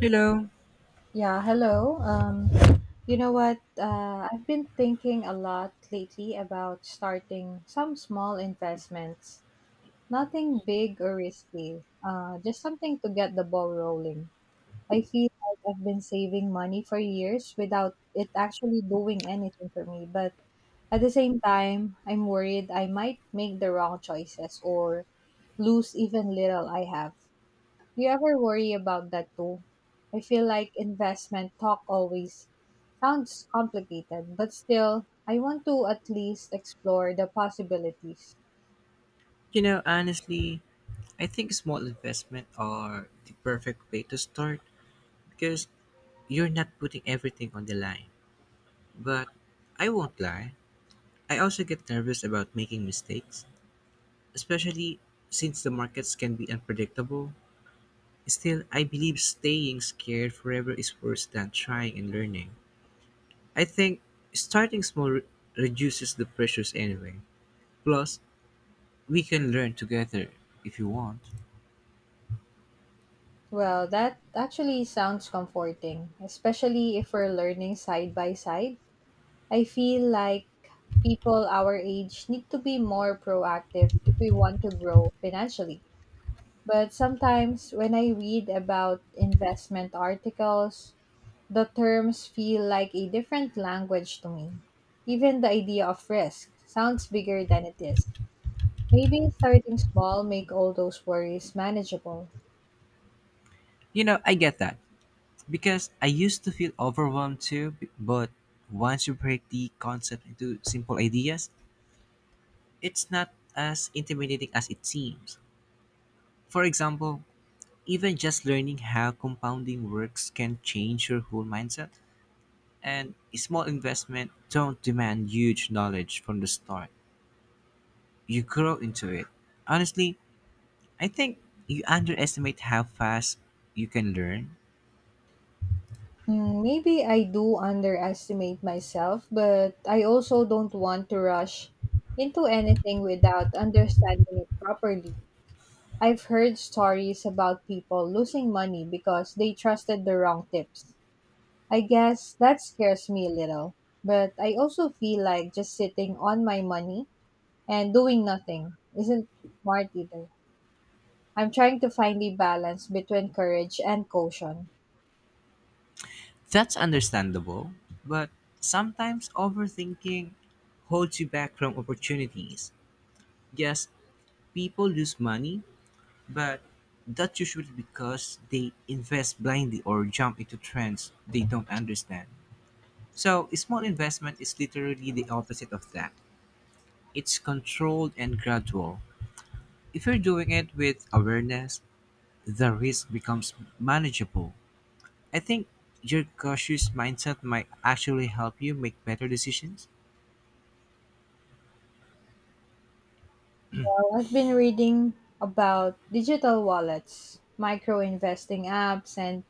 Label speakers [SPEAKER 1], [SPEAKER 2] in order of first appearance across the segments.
[SPEAKER 1] Hello.
[SPEAKER 2] Yeah, hello. You know what? I've been thinking a lot lately about starting some small investments. Nothing big or risky, just something to get the ball rolling. I feel like I've been saving money for years without it actually doing anything for me. But at the same time, I'm worried I might make the wrong choices or lose even little I have. You ever worry about that too? I feel like investment talk always sounds complicated, but still, I want to at least explore the possibilities.
[SPEAKER 1] You know, honestly, I think small investment are the perfect way to start because you're not putting everything on the line. But I won't lie, I also get nervous about making mistakes, especially since the markets can be unpredictable. Still, I believe staying scared forever is worse than trying and learning. I think starting reduces the pressures anyway. Plus, we can learn together if you want.
[SPEAKER 2] Well, that actually sounds comforting, especially if we're learning side by side. I feel like people our age need to be more proactive if we want to grow financially. But sometimes when I read about investment articles, the terms feel like a different language to me. Even the idea of risk sounds bigger than it is. Maybe starting small make all those worries manageable.
[SPEAKER 1] You know, I get that. Because I used to feel overwhelmed too, but once you break the concept into simple ideas, it's not as intimidating as it seems. For example, even just learning how compounding works can change your whole mindset, and a small investment don't demand huge knowledge from the start. You grow into it. Honestly, I think you underestimate how fast you can learn.
[SPEAKER 2] Hmm, maybe I do underestimate myself, but I also don't want to rush into anything without understanding it properly. I've heard stories about people losing money because they trusted the wrong tips. I guess that scares me a little, but I also feel like just sitting on my money and doing nothing isn't smart either. I'm trying to find the balance between courage and caution.
[SPEAKER 1] That's understandable, but sometimes overthinking holds you back from opportunities. Yes, people lose money, but that's usually because they invest blindly or jump into trends they don't understand. So a small investment is literally the opposite of that. It's controlled and gradual. If you're doing it with awareness, the risk becomes manageable. I think your cautious mindset might actually help you make better decisions.
[SPEAKER 2] Well, I've been reading about digital wallets, micro investing apps, and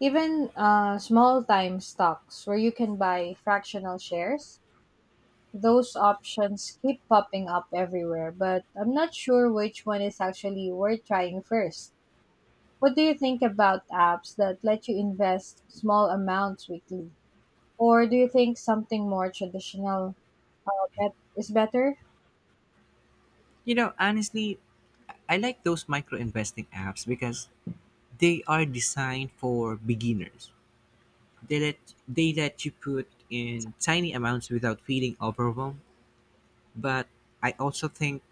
[SPEAKER 2] even small time stocks where you can buy fractional shares. Those options keep popping up everywhere, but I'm not sure which one is actually worth trying first. What do you think about apps that let you invest small amounts weekly? Or do you think something more traditional is better?
[SPEAKER 1] You know, honestly, I like those micro investing apps because they are designed for beginners. They let they let you put in tiny amounts without feeling overwhelmed. But I also think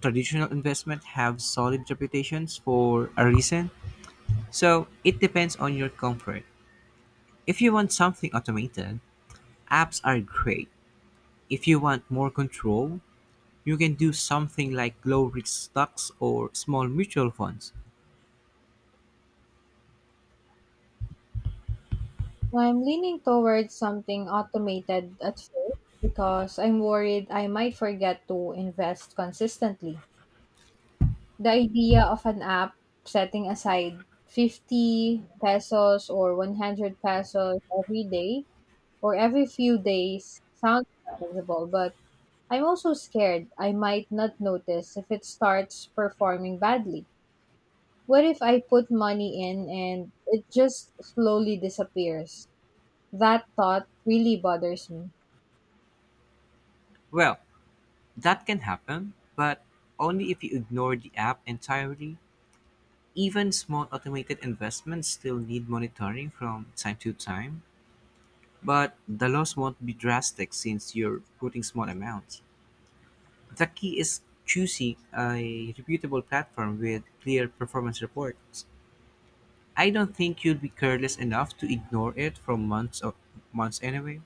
[SPEAKER 1] traditional investment have solid reputations for a reason. So it depends on your comfort. If you want something automated, apps are great. If you want more control, you can do something like low risk stocks or small mutual funds.
[SPEAKER 2] I'm leaning towards something automated at first because I'm worried I might forget to invest consistently. The idea of an app setting aside 50 pesos or 100 pesos every day or every few days sounds manageable, but I'm also scared I might not notice if it starts performing badly. What if I put money in and it just slowly disappears? That thought really bothers me.
[SPEAKER 1] Well, that can happen, but only if you ignore the app entirely. Even small automated investments still need monitoring from time to time, but the loss won't be drastic since you're putting small amounts. The key is choosing a reputable platform with clear performance reports. I don't think you'll be careless enough to ignore it for months or months anyway.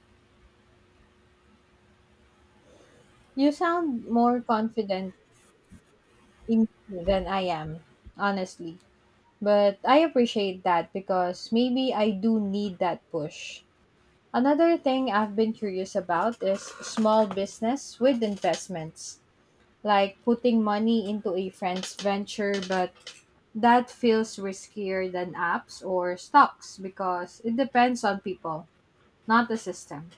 [SPEAKER 2] You sound more confident in me than I am, honestly. But I appreciate that because maybe I do need that push. Another thing I've been curious about is small business with investments, like putting money into a friend's venture, but that feels riskier than apps or stocks because it depends on people, not the system.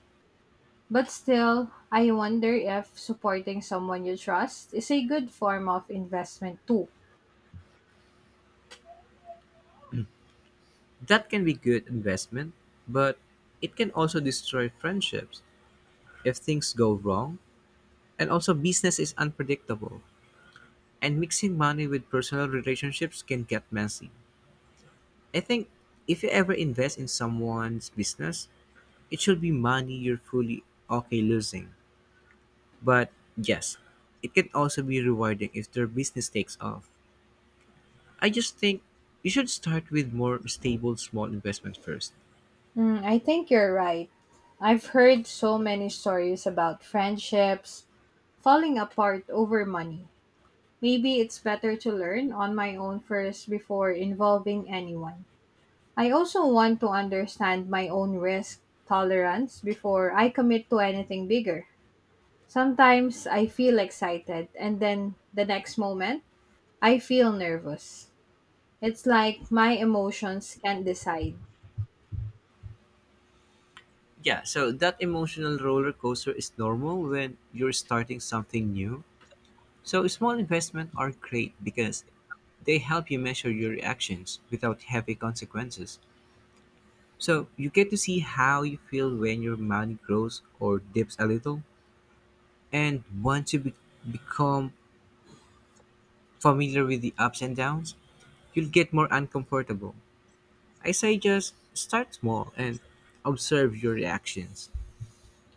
[SPEAKER 2] But still, I wonder if supporting someone you trust is a good form of investment too.
[SPEAKER 1] That can be good investment, but it can also destroy friendships if things go wrong. And also, business is unpredictable, and mixing money with personal relationships can get messy. I think if you ever invest in someone's business, it should be money you're fully okay losing. But yes, it can also be rewarding if their business takes off. I just think you should start with more stable small investment first.
[SPEAKER 2] Mm, I think you're right. I've heard so many stories about friendships falling apart over money. Maybe it's better to learn on my own first before involving anyone. I also want to understand my own risk tolerance before I commit to anything bigger. Sometimes I feel excited, and then the next moment, I feel nervous. It's like my emotions can't decide.
[SPEAKER 1] Yeah, so that emotional roller coaster is normal when you're starting something new. So small investments are great because they help you measure your reactions without heavy consequences. So you get to see how you feel when your money grows or dips a little. And once you become familiar with the ups and downs, you'll get more uncomfortable. I say just start small and observe your reactions.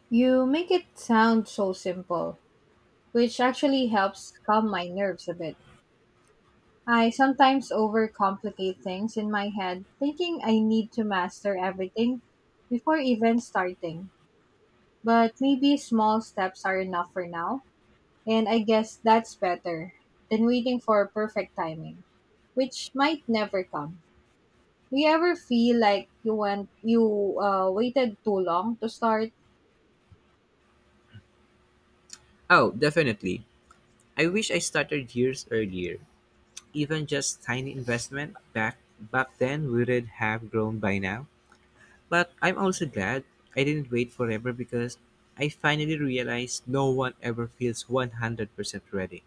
[SPEAKER 2] You make it sound so simple, which actually helps calm my nerves a bit. I sometimes overcomplicate things in my head, thinking I need to master everything before even starting. But maybe small steps are enough for now, and I guess that's better than waiting for perfect timing, which might never come. Do you ever feel like you went you waited too long to start?
[SPEAKER 1] Oh, definitely. I wish I started years earlier. Even just tiny investment back then wouldn't have grown by now. But I'm also glad I didn't wait forever because I finally realized no one ever feels 100% ready.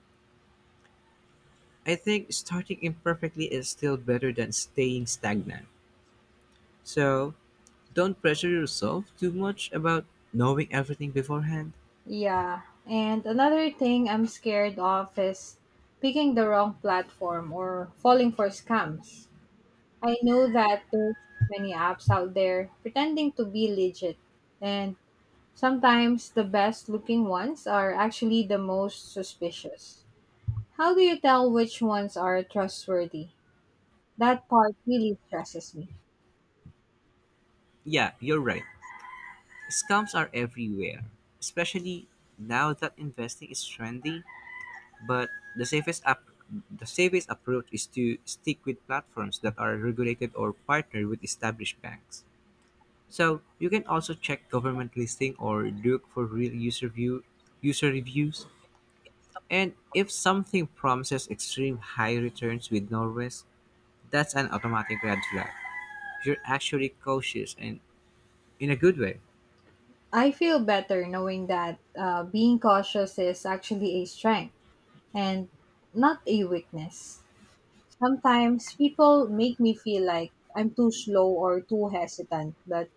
[SPEAKER 1] I think starting imperfectly is still better than staying stagnant. So don't pressure yourself too much about knowing everything beforehand.
[SPEAKER 2] Yeah. And another thing I'm scared of is picking the wrong platform or falling for scams. I know that there's many apps out there pretending to be legit, and sometimes the best looking ones are actually the most suspicious. How do you tell which ones are trustworthy? That part really stresses me.
[SPEAKER 1] Yeah, you're right. Scams are everywhere, especially now that investing is trendy. But the safest app, the safest approach is to stick with platforms that are regulated or partner with established banks. So you can also check government listing or look for real user reviews. And if something promises extreme high returns with no risk, that's an automatic red flag. You're actually cautious and in a good way.
[SPEAKER 2] I feel better knowing that being cautious is actually a strength and not a weakness. Sometimes people make me feel like I'm too slow or too hesitant, but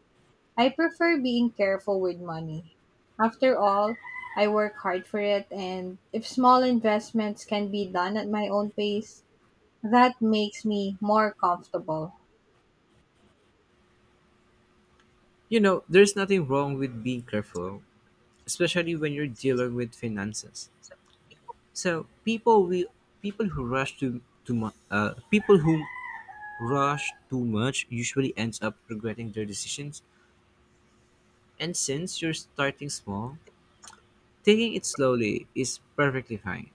[SPEAKER 2] I prefer being careful with money. After all, I work hard for it, and if small investments can be done at my own pace, that makes me more comfortable.
[SPEAKER 1] You know, there's nothing wrong with being careful, especially when you're dealing with finances. So people will people who rush to too much people who rush too much usually ends up regretting their decisions. And since you're starting small, taking it slowly is perfectly fine.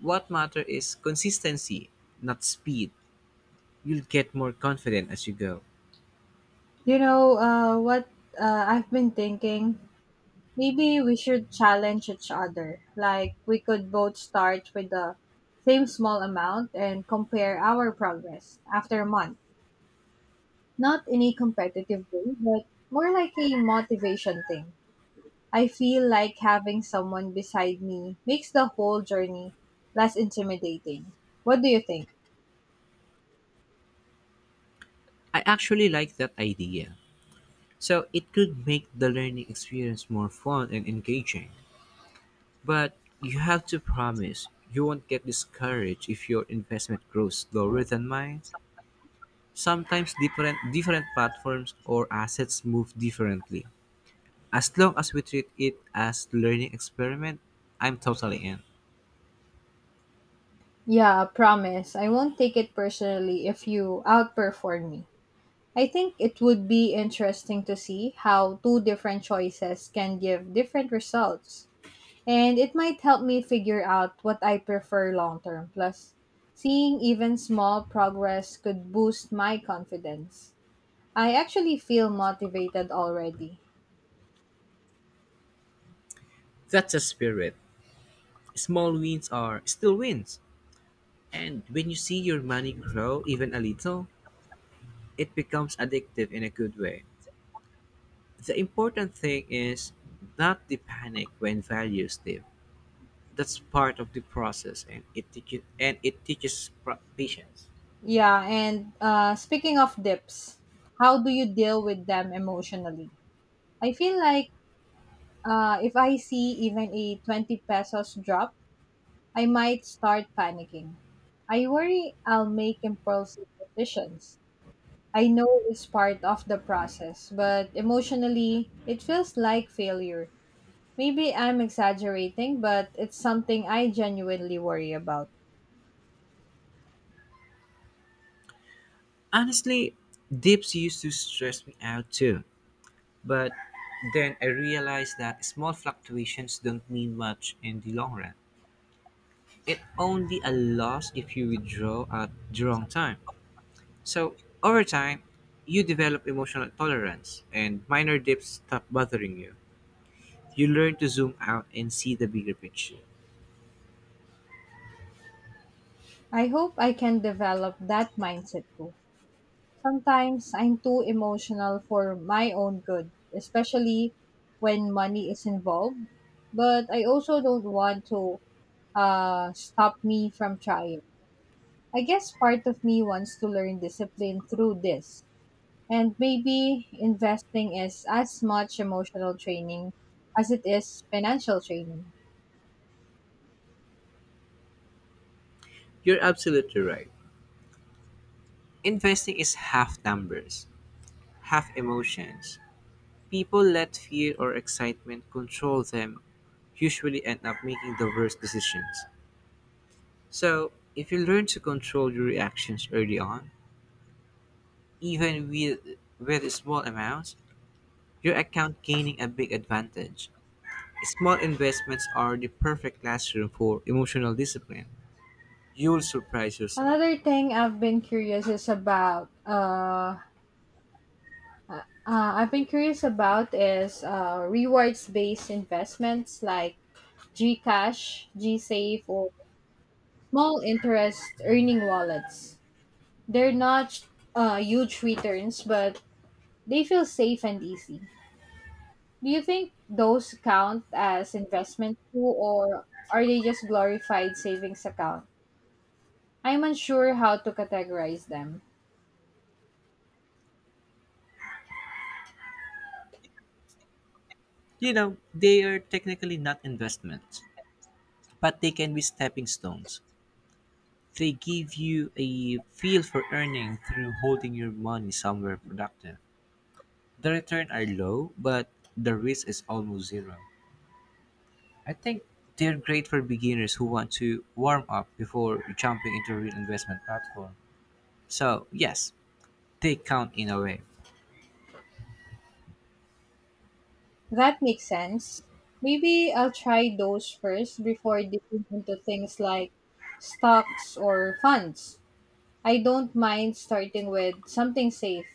[SPEAKER 1] What matters is consistency, not speed. You'll get more confident as you go.
[SPEAKER 2] You know what I've been thinking? Maybe we should challenge each other. Like, we could both start with the same small amount and compare our progress after a month. Not in a competitive way, but more like a motivation thing. I feel like having someone beside me makes the whole journey less intimidating. What do you think?
[SPEAKER 1] I actually like that idea. So it could make the learning experience more fun and engaging. But you have to promise you won't get discouraged if your investment grows slower than mine. Sometimes different platforms or assets move differently. As long as we treat it as learning experiment, I'm totally in.
[SPEAKER 2] Yeah, promise. I won't take it personally if you outperform me. I think it would be interesting to see how two different choices can give different results. And it might help me figure out what I prefer long term. Plus, seeing even small progress could boost my confidence. I actually feel motivated already.
[SPEAKER 1] That's a spirit. Small wins are still wins, and when you see your money grow even a little, it becomes addictive in a good way. The important thing is not to panic when values dip. That's part of the process, and patience.
[SPEAKER 2] Yeah, and speaking of dips, how do you deal with them emotionally? I feel like if I see even a 20 pesos drop, I might start panicking. I worry I'll make impulsive decisions. I know it's part of the process, but emotionally, it feels like failure. Maybe I'm exaggerating, but it's something I genuinely worry about.
[SPEAKER 1] Honestly, dips used to stress me out too, but then I realized that small fluctuations don't mean much in the long run. It only a loss if you withdraw at the wrong time. So, over time, you develop emotional tolerance, and minor dips stop bothering you. You learn to zoom out and see the bigger picture.
[SPEAKER 2] I hope I can develop that mindset too. Sometimes I'm too emotional for my own good, especially when money is involved. But I also don't want to stop me from trying. I guess part of me wants to learn discipline through this. And maybe investing is as much emotional training as it is financial training.
[SPEAKER 1] You're absolutely right. Investing is half numbers, half emotions. People let fear or excitement control them, usually end up making the worst decisions. So, if you learn to control your reactions early on, even with, with small amounts, your account gaining a big advantage. Small investments are the perfect classroom for emotional discipline. You'll surprise yourself.
[SPEAKER 2] Another thing I've been curious is about I've been curious about is rewards-based investments like GCash, GSave, or small interest earning wallets. They're not huge returns, but they feel safe and easy. Do you think those count as investment too, or are they just glorified savings account? I'm unsure how to categorize them.
[SPEAKER 1] You know, they are technically not investments, but they can be stepping stones. They give you a feel for earning through holding your money somewhere productive. The return are low, but the risk is almost zero. I think they're great for beginners who want to warm up before jumping into a real investment platform. So yes, they count in a way.
[SPEAKER 2] That makes sense. Maybe I'll try those first before dipping into things like stocks or funds. I don't mind starting with something safe.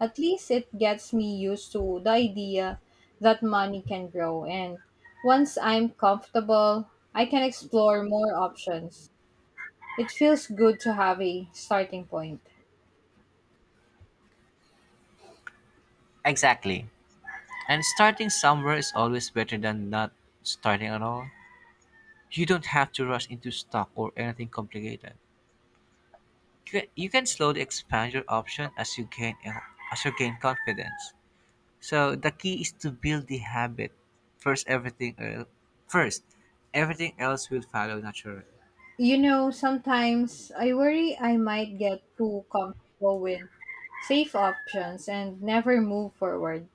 [SPEAKER 2] At least it gets me used to the idea that money can grow, and once I'm comfortable, I can explore more options. It feels good to have a starting point.
[SPEAKER 1] Exactly. And starting somewhere is always better than not starting at all. You don't have to rush into stock or anything complicated. You can slowly expand your option as you gain confidence. So the key is to build the habit. First everything el- first everything else will follow naturally.
[SPEAKER 2] You know, sometimes I worry I might get too comfortable with safe options and never move forward.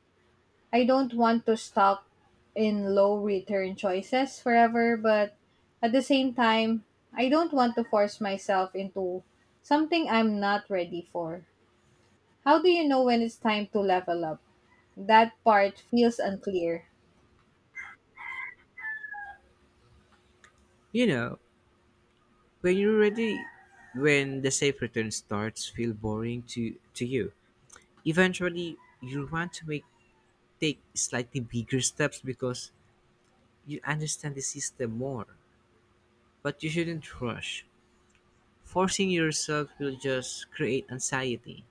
[SPEAKER 2] I don't want to stop in low return choices forever, but at the same time, I don't want to force myself into something I'm not ready for. How do you know when it's time to level up? That part feels unclear.
[SPEAKER 1] You know, when you're ready when the safe return starts feel boring to you. Eventually you'll want to make take slightly bigger steps because you understand the system more. But you shouldn't rush. Forcing yourself will just create anxiety.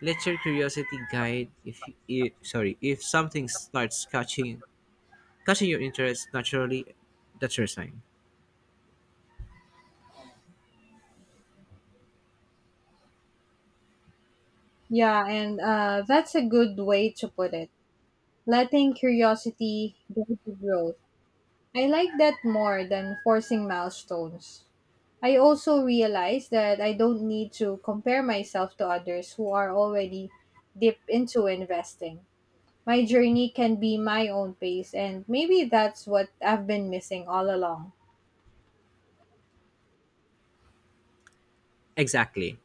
[SPEAKER 1] Let your curiosity guide if something starts catching your interest naturally, that's your sign.
[SPEAKER 2] Yeah, and that's a good way to put it. Letting curiosity guide the growth. I like that more than forcing milestones. I also realize that I don't need to compare myself to others who are already deep into investing. My journey can be my own pace, and maybe that's what I've been missing all along.
[SPEAKER 1] Exactly.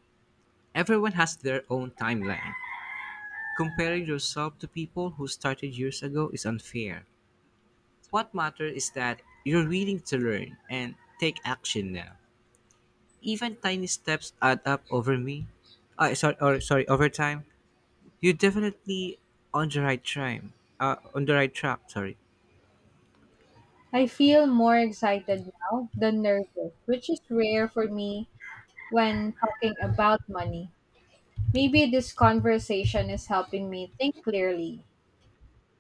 [SPEAKER 1] Everyone has their own timeline. Comparing yourself to people who started years ago is unfair. What matters is that you're willing to learn and take action now. Even tiny steps add up over me. Sorry, or sorry, over time. You're definitely on the right track. On the right track. Sorry.
[SPEAKER 2] I feel more excited now than nervous, which is rare for me when talking about money. Maybe this conversation is helping me think clearly.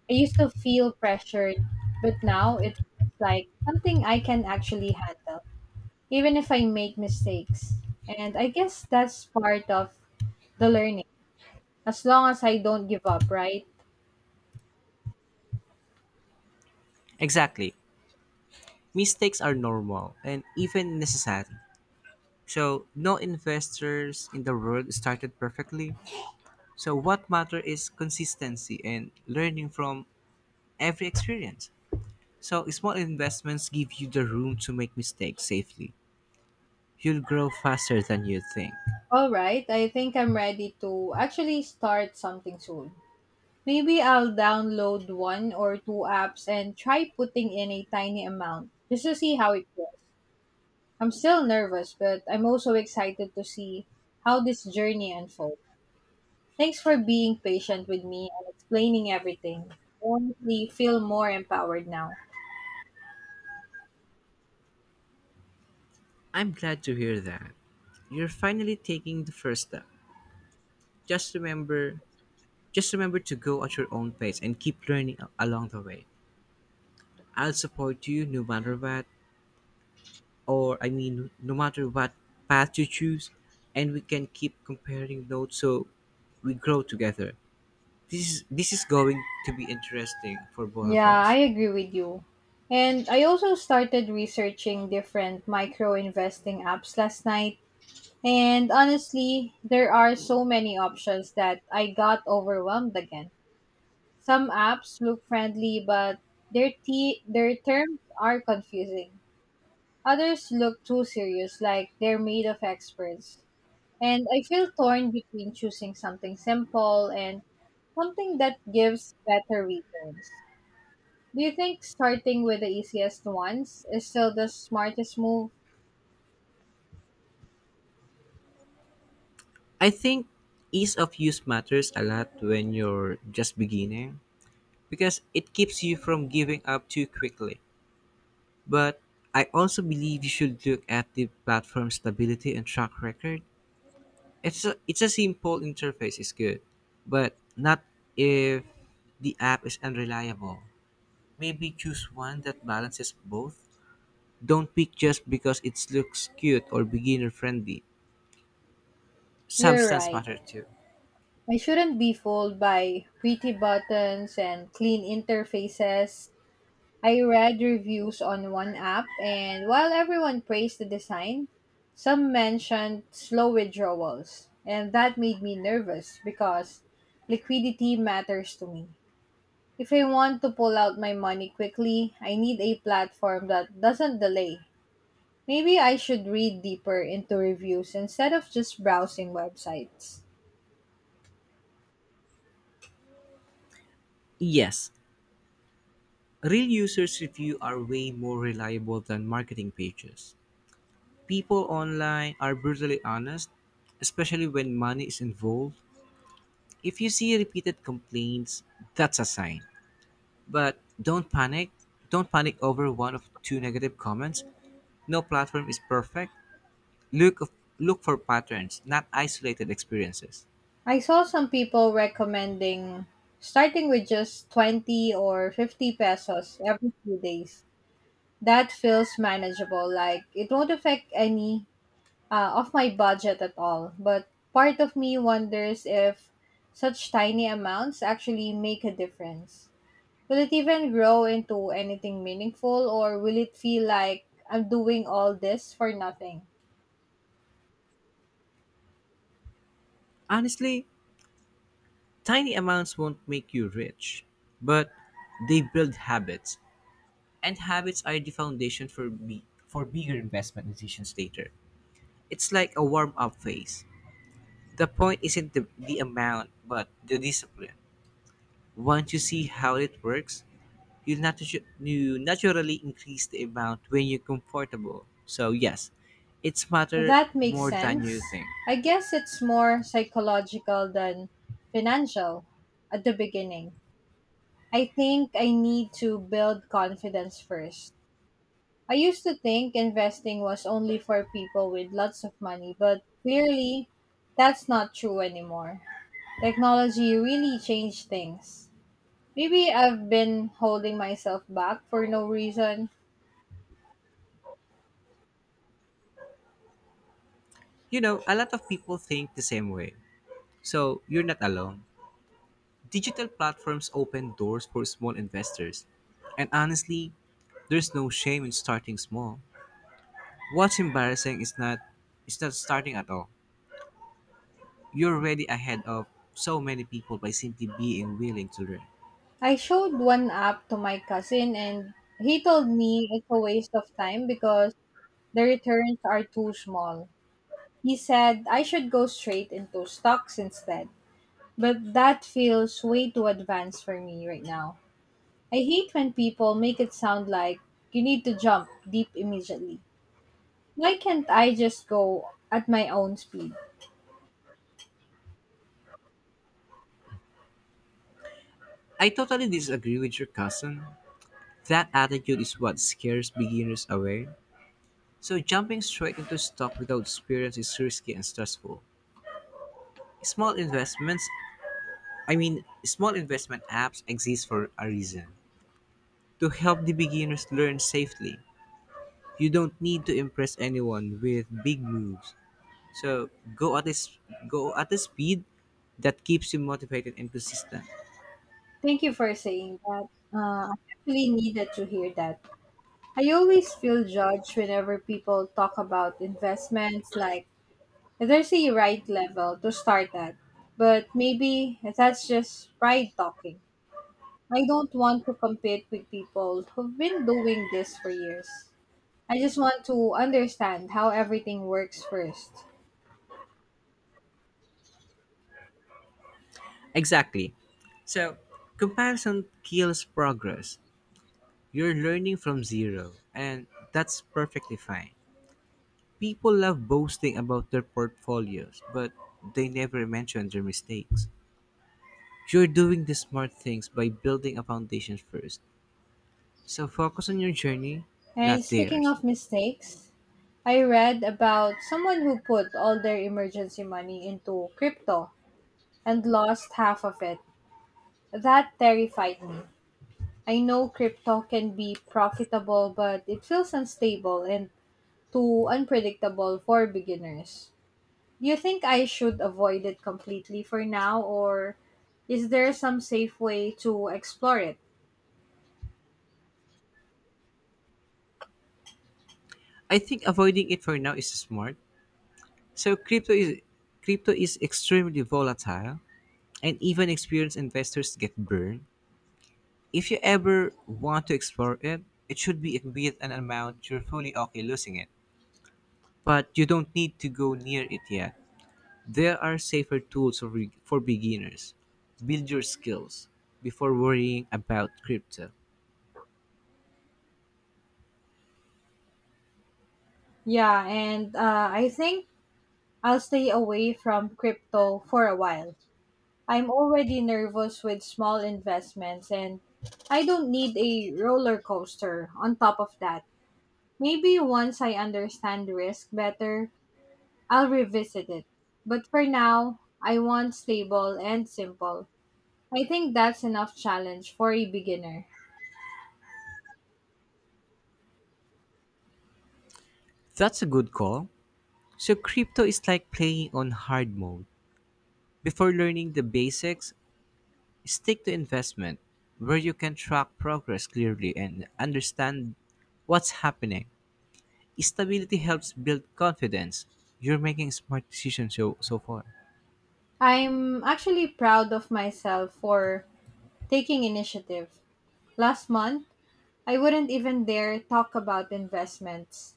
[SPEAKER 2] I used to feel pressured, but now it feels like something I can actually handle, even if I make mistakes. And I guess that's part of the learning, as long as I don't give up, right?
[SPEAKER 1] Exactly. Mistakes are normal and even necessary. So no investors in the world started perfectly. So what matters is consistency and learning from every experience. So small investments give you the room to make mistakes safely. You'll grow faster than you think.
[SPEAKER 2] All right, I think I'm ready to actually start something soon. Maybe I'll download one or two apps and try putting in a tiny amount just to see how it goes. I'm still nervous, but I'm also excited to see how this journey unfolds. Thanks for being patient with me and explaining everything. I honestly feel more empowered now.
[SPEAKER 1] I'm glad to hear that. You're finally taking the first step. Just remember, just remember to go at your own pace and keep along the way. I'll support you no matter what, or I mean, no matter what path you choose, and we can keep comparing notes so we grow together. This is going to be interesting for both of
[SPEAKER 2] Yeah, I
[SPEAKER 1] us.
[SPEAKER 2] agree with you. And I also started researching different micro investing apps last night. And honestly, there are so many options that I got overwhelmed again. Some apps look friendly, but their terms are confusing. Others look too serious, like they're made of experts. And I feel torn between choosing something simple and something that gives better returns. Do you think starting with the easiest ones is still the smartest move?
[SPEAKER 1] I think ease of use matters a lot when you're just beginning because it keeps you from giving up too quickly. But I also believe you should look at the platform stability and track record. It's a simple interface is good, but not if the app is unreliable. Maybe choose one that balances both. Don't pick just because it looks cute or beginner friendly.
[SPEAKER 2] You're
[SPEAKER 1] Substance
[SPEAKER 2] right.
[SPEAKER 1] matter too.
[SPEAKER 2] I shouldn't be fooled by pretty buttons and clean interfaces. I read reviews on one app, and while everyone praised the design, some mentioned slow withdrawals, and that made me nervous because liquidity matters to me. If I want to pull out my money quickly, I need a platform that doesn't delay. Maybe I should read deeper into reviews instead of just browsing websites.
[SPEAKER 1] Yes, real users' review are way more reliable than marketing pages. People online are brutally honest, especially when money is involved. If you see repeated complaints, that's a sign. But don't panic. Don't panic over one of two negative comments. No platform is perfect. Look of, Look for patterns, not isolated experiences.
[SPEAKER 2] I saw some people recommending starting with just 20 or 50 pesos every few days. That feels manageable, like it won't affect any of my budget at all. But part of me wonders if such tiny amounts actually make a difference. Will it even grow into anything meaningful, or will it feel like I'm doing all this for nothing?
[SPEAKER 1] Honestly, tiny amounts won't make you rich, but they build habits, and habits are the foundation for bigger investment decisions later. It's like a warm up phase. The point isn't the amount, but the discipline. Once you see how it works, you naturally increase the amount when you're comfortable. So yes, it's matter
[SPEAKER 2] That makes
[SPEAKER 1] more than you
[SPEAKER 2] sense.
[SPEAKER 1] think.
[SPEAKER 2] I guess it's more psychological than financial at the beginning. I think I need to build confidence first. I used to think investing was only for people with lots of money, but clearly that's not true anymore. Technology really changed things. Maybe I've been holding myself back for no reason.
[SPEAKER 1] You know, a lot of people think the same way. So you're not alone. Digital platforms open doors for small investors. And honestly, there's no shame in starting small. What's embarrassing is not it's not starting at all. You're already ahead of so many people by simply being willing to learn.
[SPEAKER 2] I showed one app to my cousin and he told me it's a waste of time because the returns are too small. He said I should go straight into stocks instead. But that feels way too advanced for me right now. I hate when people make it sound like you need to jump deep immediately. Why can't I just go at my own speed?
[SPEAKER 1] I totally disagree with your cousin. That attitude is what scares beginners away. So jumping straight into stock without experience is risky and stressful. Small investments, small investment apps exist for a reason to help the beginners learn safely. You don't need to impress anyone with big moves. So go at this go at a speed that keeps you motivated and consistent.
[SPEAKER 2] Thank you for saying that. I actually needed to hear that. I always feel judged whenever people talk about investments like there's a right level to start at. But maybe that's just pride talking. I don't want to compete with people who've been doing this for years. I just want to understand how everything works first.
[SPEAKER 1] Exactly. So, comparison kills progress. You're learning from zero, and that's perfectly fine. People love boasting about their portfolios, but they never mention their mistakes. You're doing the smart things by building a foundation first. So focus on your journey,
[SPEAKER 2] And
[SPEAKER 1] not
[SPEAKER 2] speaking
[SPEAKER 1] theirs.
[SPEAKER 2] of mistakes, I read about someone who put all their emergency money into crypto and lost half of it. That terrified me. I know crypto can be profitable, but it feels unstable and too unpredictable for beginners. Do you think I should avoid it completely for now, or is there some safe way to explore it?
[SPEAKER 1] I think avoiding it for now is smart. So crypto is extremely volatile and even experienced investors get burned. If you ever want to explore it, it should be with an amount you're fully okay losing it. But you don't need to go near it yet. There are safer tools for beginners. Build your skills before worrying about crypto.
[SPEAKER 2] Yeah, and I think I'll stay away from crypto for a while. I'm already nervous with small investments, and I don't need a roller coaster on top of that. Maybe once I understand risk better, I'll revisit it. But for now, I want stable and simple. I think that's enough challenge for a beginner.
[SPEAKER 1] That's a good call. So, crypto is like playing on hard mode. Before learning the basics, stick to investment, where you can track progress clearly and understand what's happening. Stability helps build confidence. You're making smart decisions so far.
[SPEAKER 2] I'm actually proud of myself for taking initiative. Last month, I wouldn't even dare talk about investments.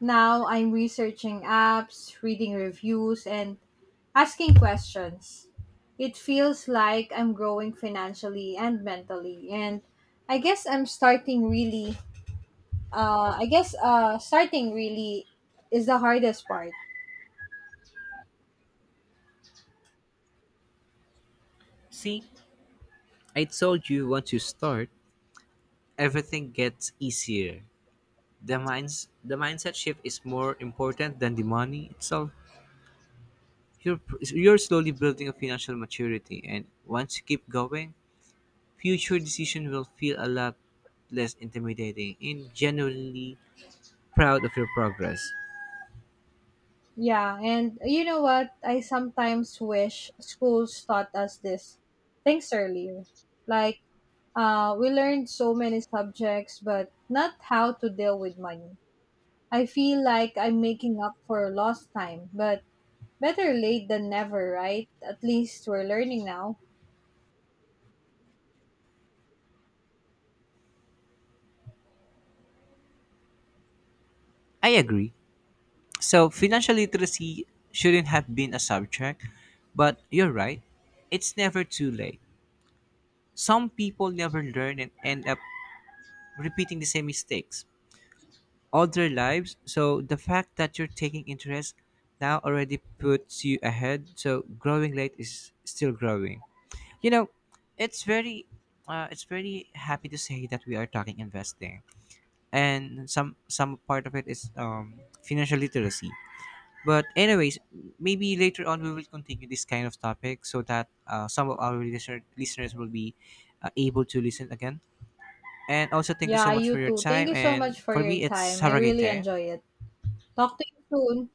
[SPEAKER 2] Now I'm researching apps, reading reviews, and asking questions. It feels like I'm growing financially and mentally, and I guess I'm starting really I guess starting really is the hardest part.
[SPEAKER 1] See, I told you once you start, everything gets easier. The mindset shift is more important than the money itself. You're you're slowly building a financial maturity, and once you keep going, future decision will feel a lot less intimidating and genuinely proud of your progress.
[SPEAKER 2] Yeah, and you know what? I sometimes wish schools taught us this things earlier. Like, we learned so many subjects, but not how to deal with money. I feel like I'm making up for lost time, but better late than never, right? At least we're learning now.
[SPEAKER 1] I agree. So financial literacy shouldn't have been a subject, but you're right. It's never too late. Some people never learn and end up repeating the same mistakes all their lives. So the fact that you're taking interest now already puts you ahead. So growing late is still growing. You know, it's very it's very happy to say that we are talking investing and some part of it is financial literacy. But anyways, maybe later on we will continue this kind of topic so that some of our listeners will be able to listen again. And also thank you
[SPEAKER 2] Yeah,
[SPEAKER 1] so much
[SPEAKER 2] you
[SPEAKER 1] for your
[SPEAKER 2] too. Thank
[SPEAKER 1] time.
[SPEAKER 2] you so much
[SPEAKER 1] And
[SPEAKER 2] for
[SPEAKER 1] for
[SPEAKER 2] your
[SPEAKER 1] me, it's
[SPEAKER 2] time.
[SPEAKER 1] have
[SPEAKER 2] I
[SPEAKER 1] a great
[SPEAKER 2] really
[SPEAKER 1] day.
[SPEAKER 2] enjoy it. Talk to you soon.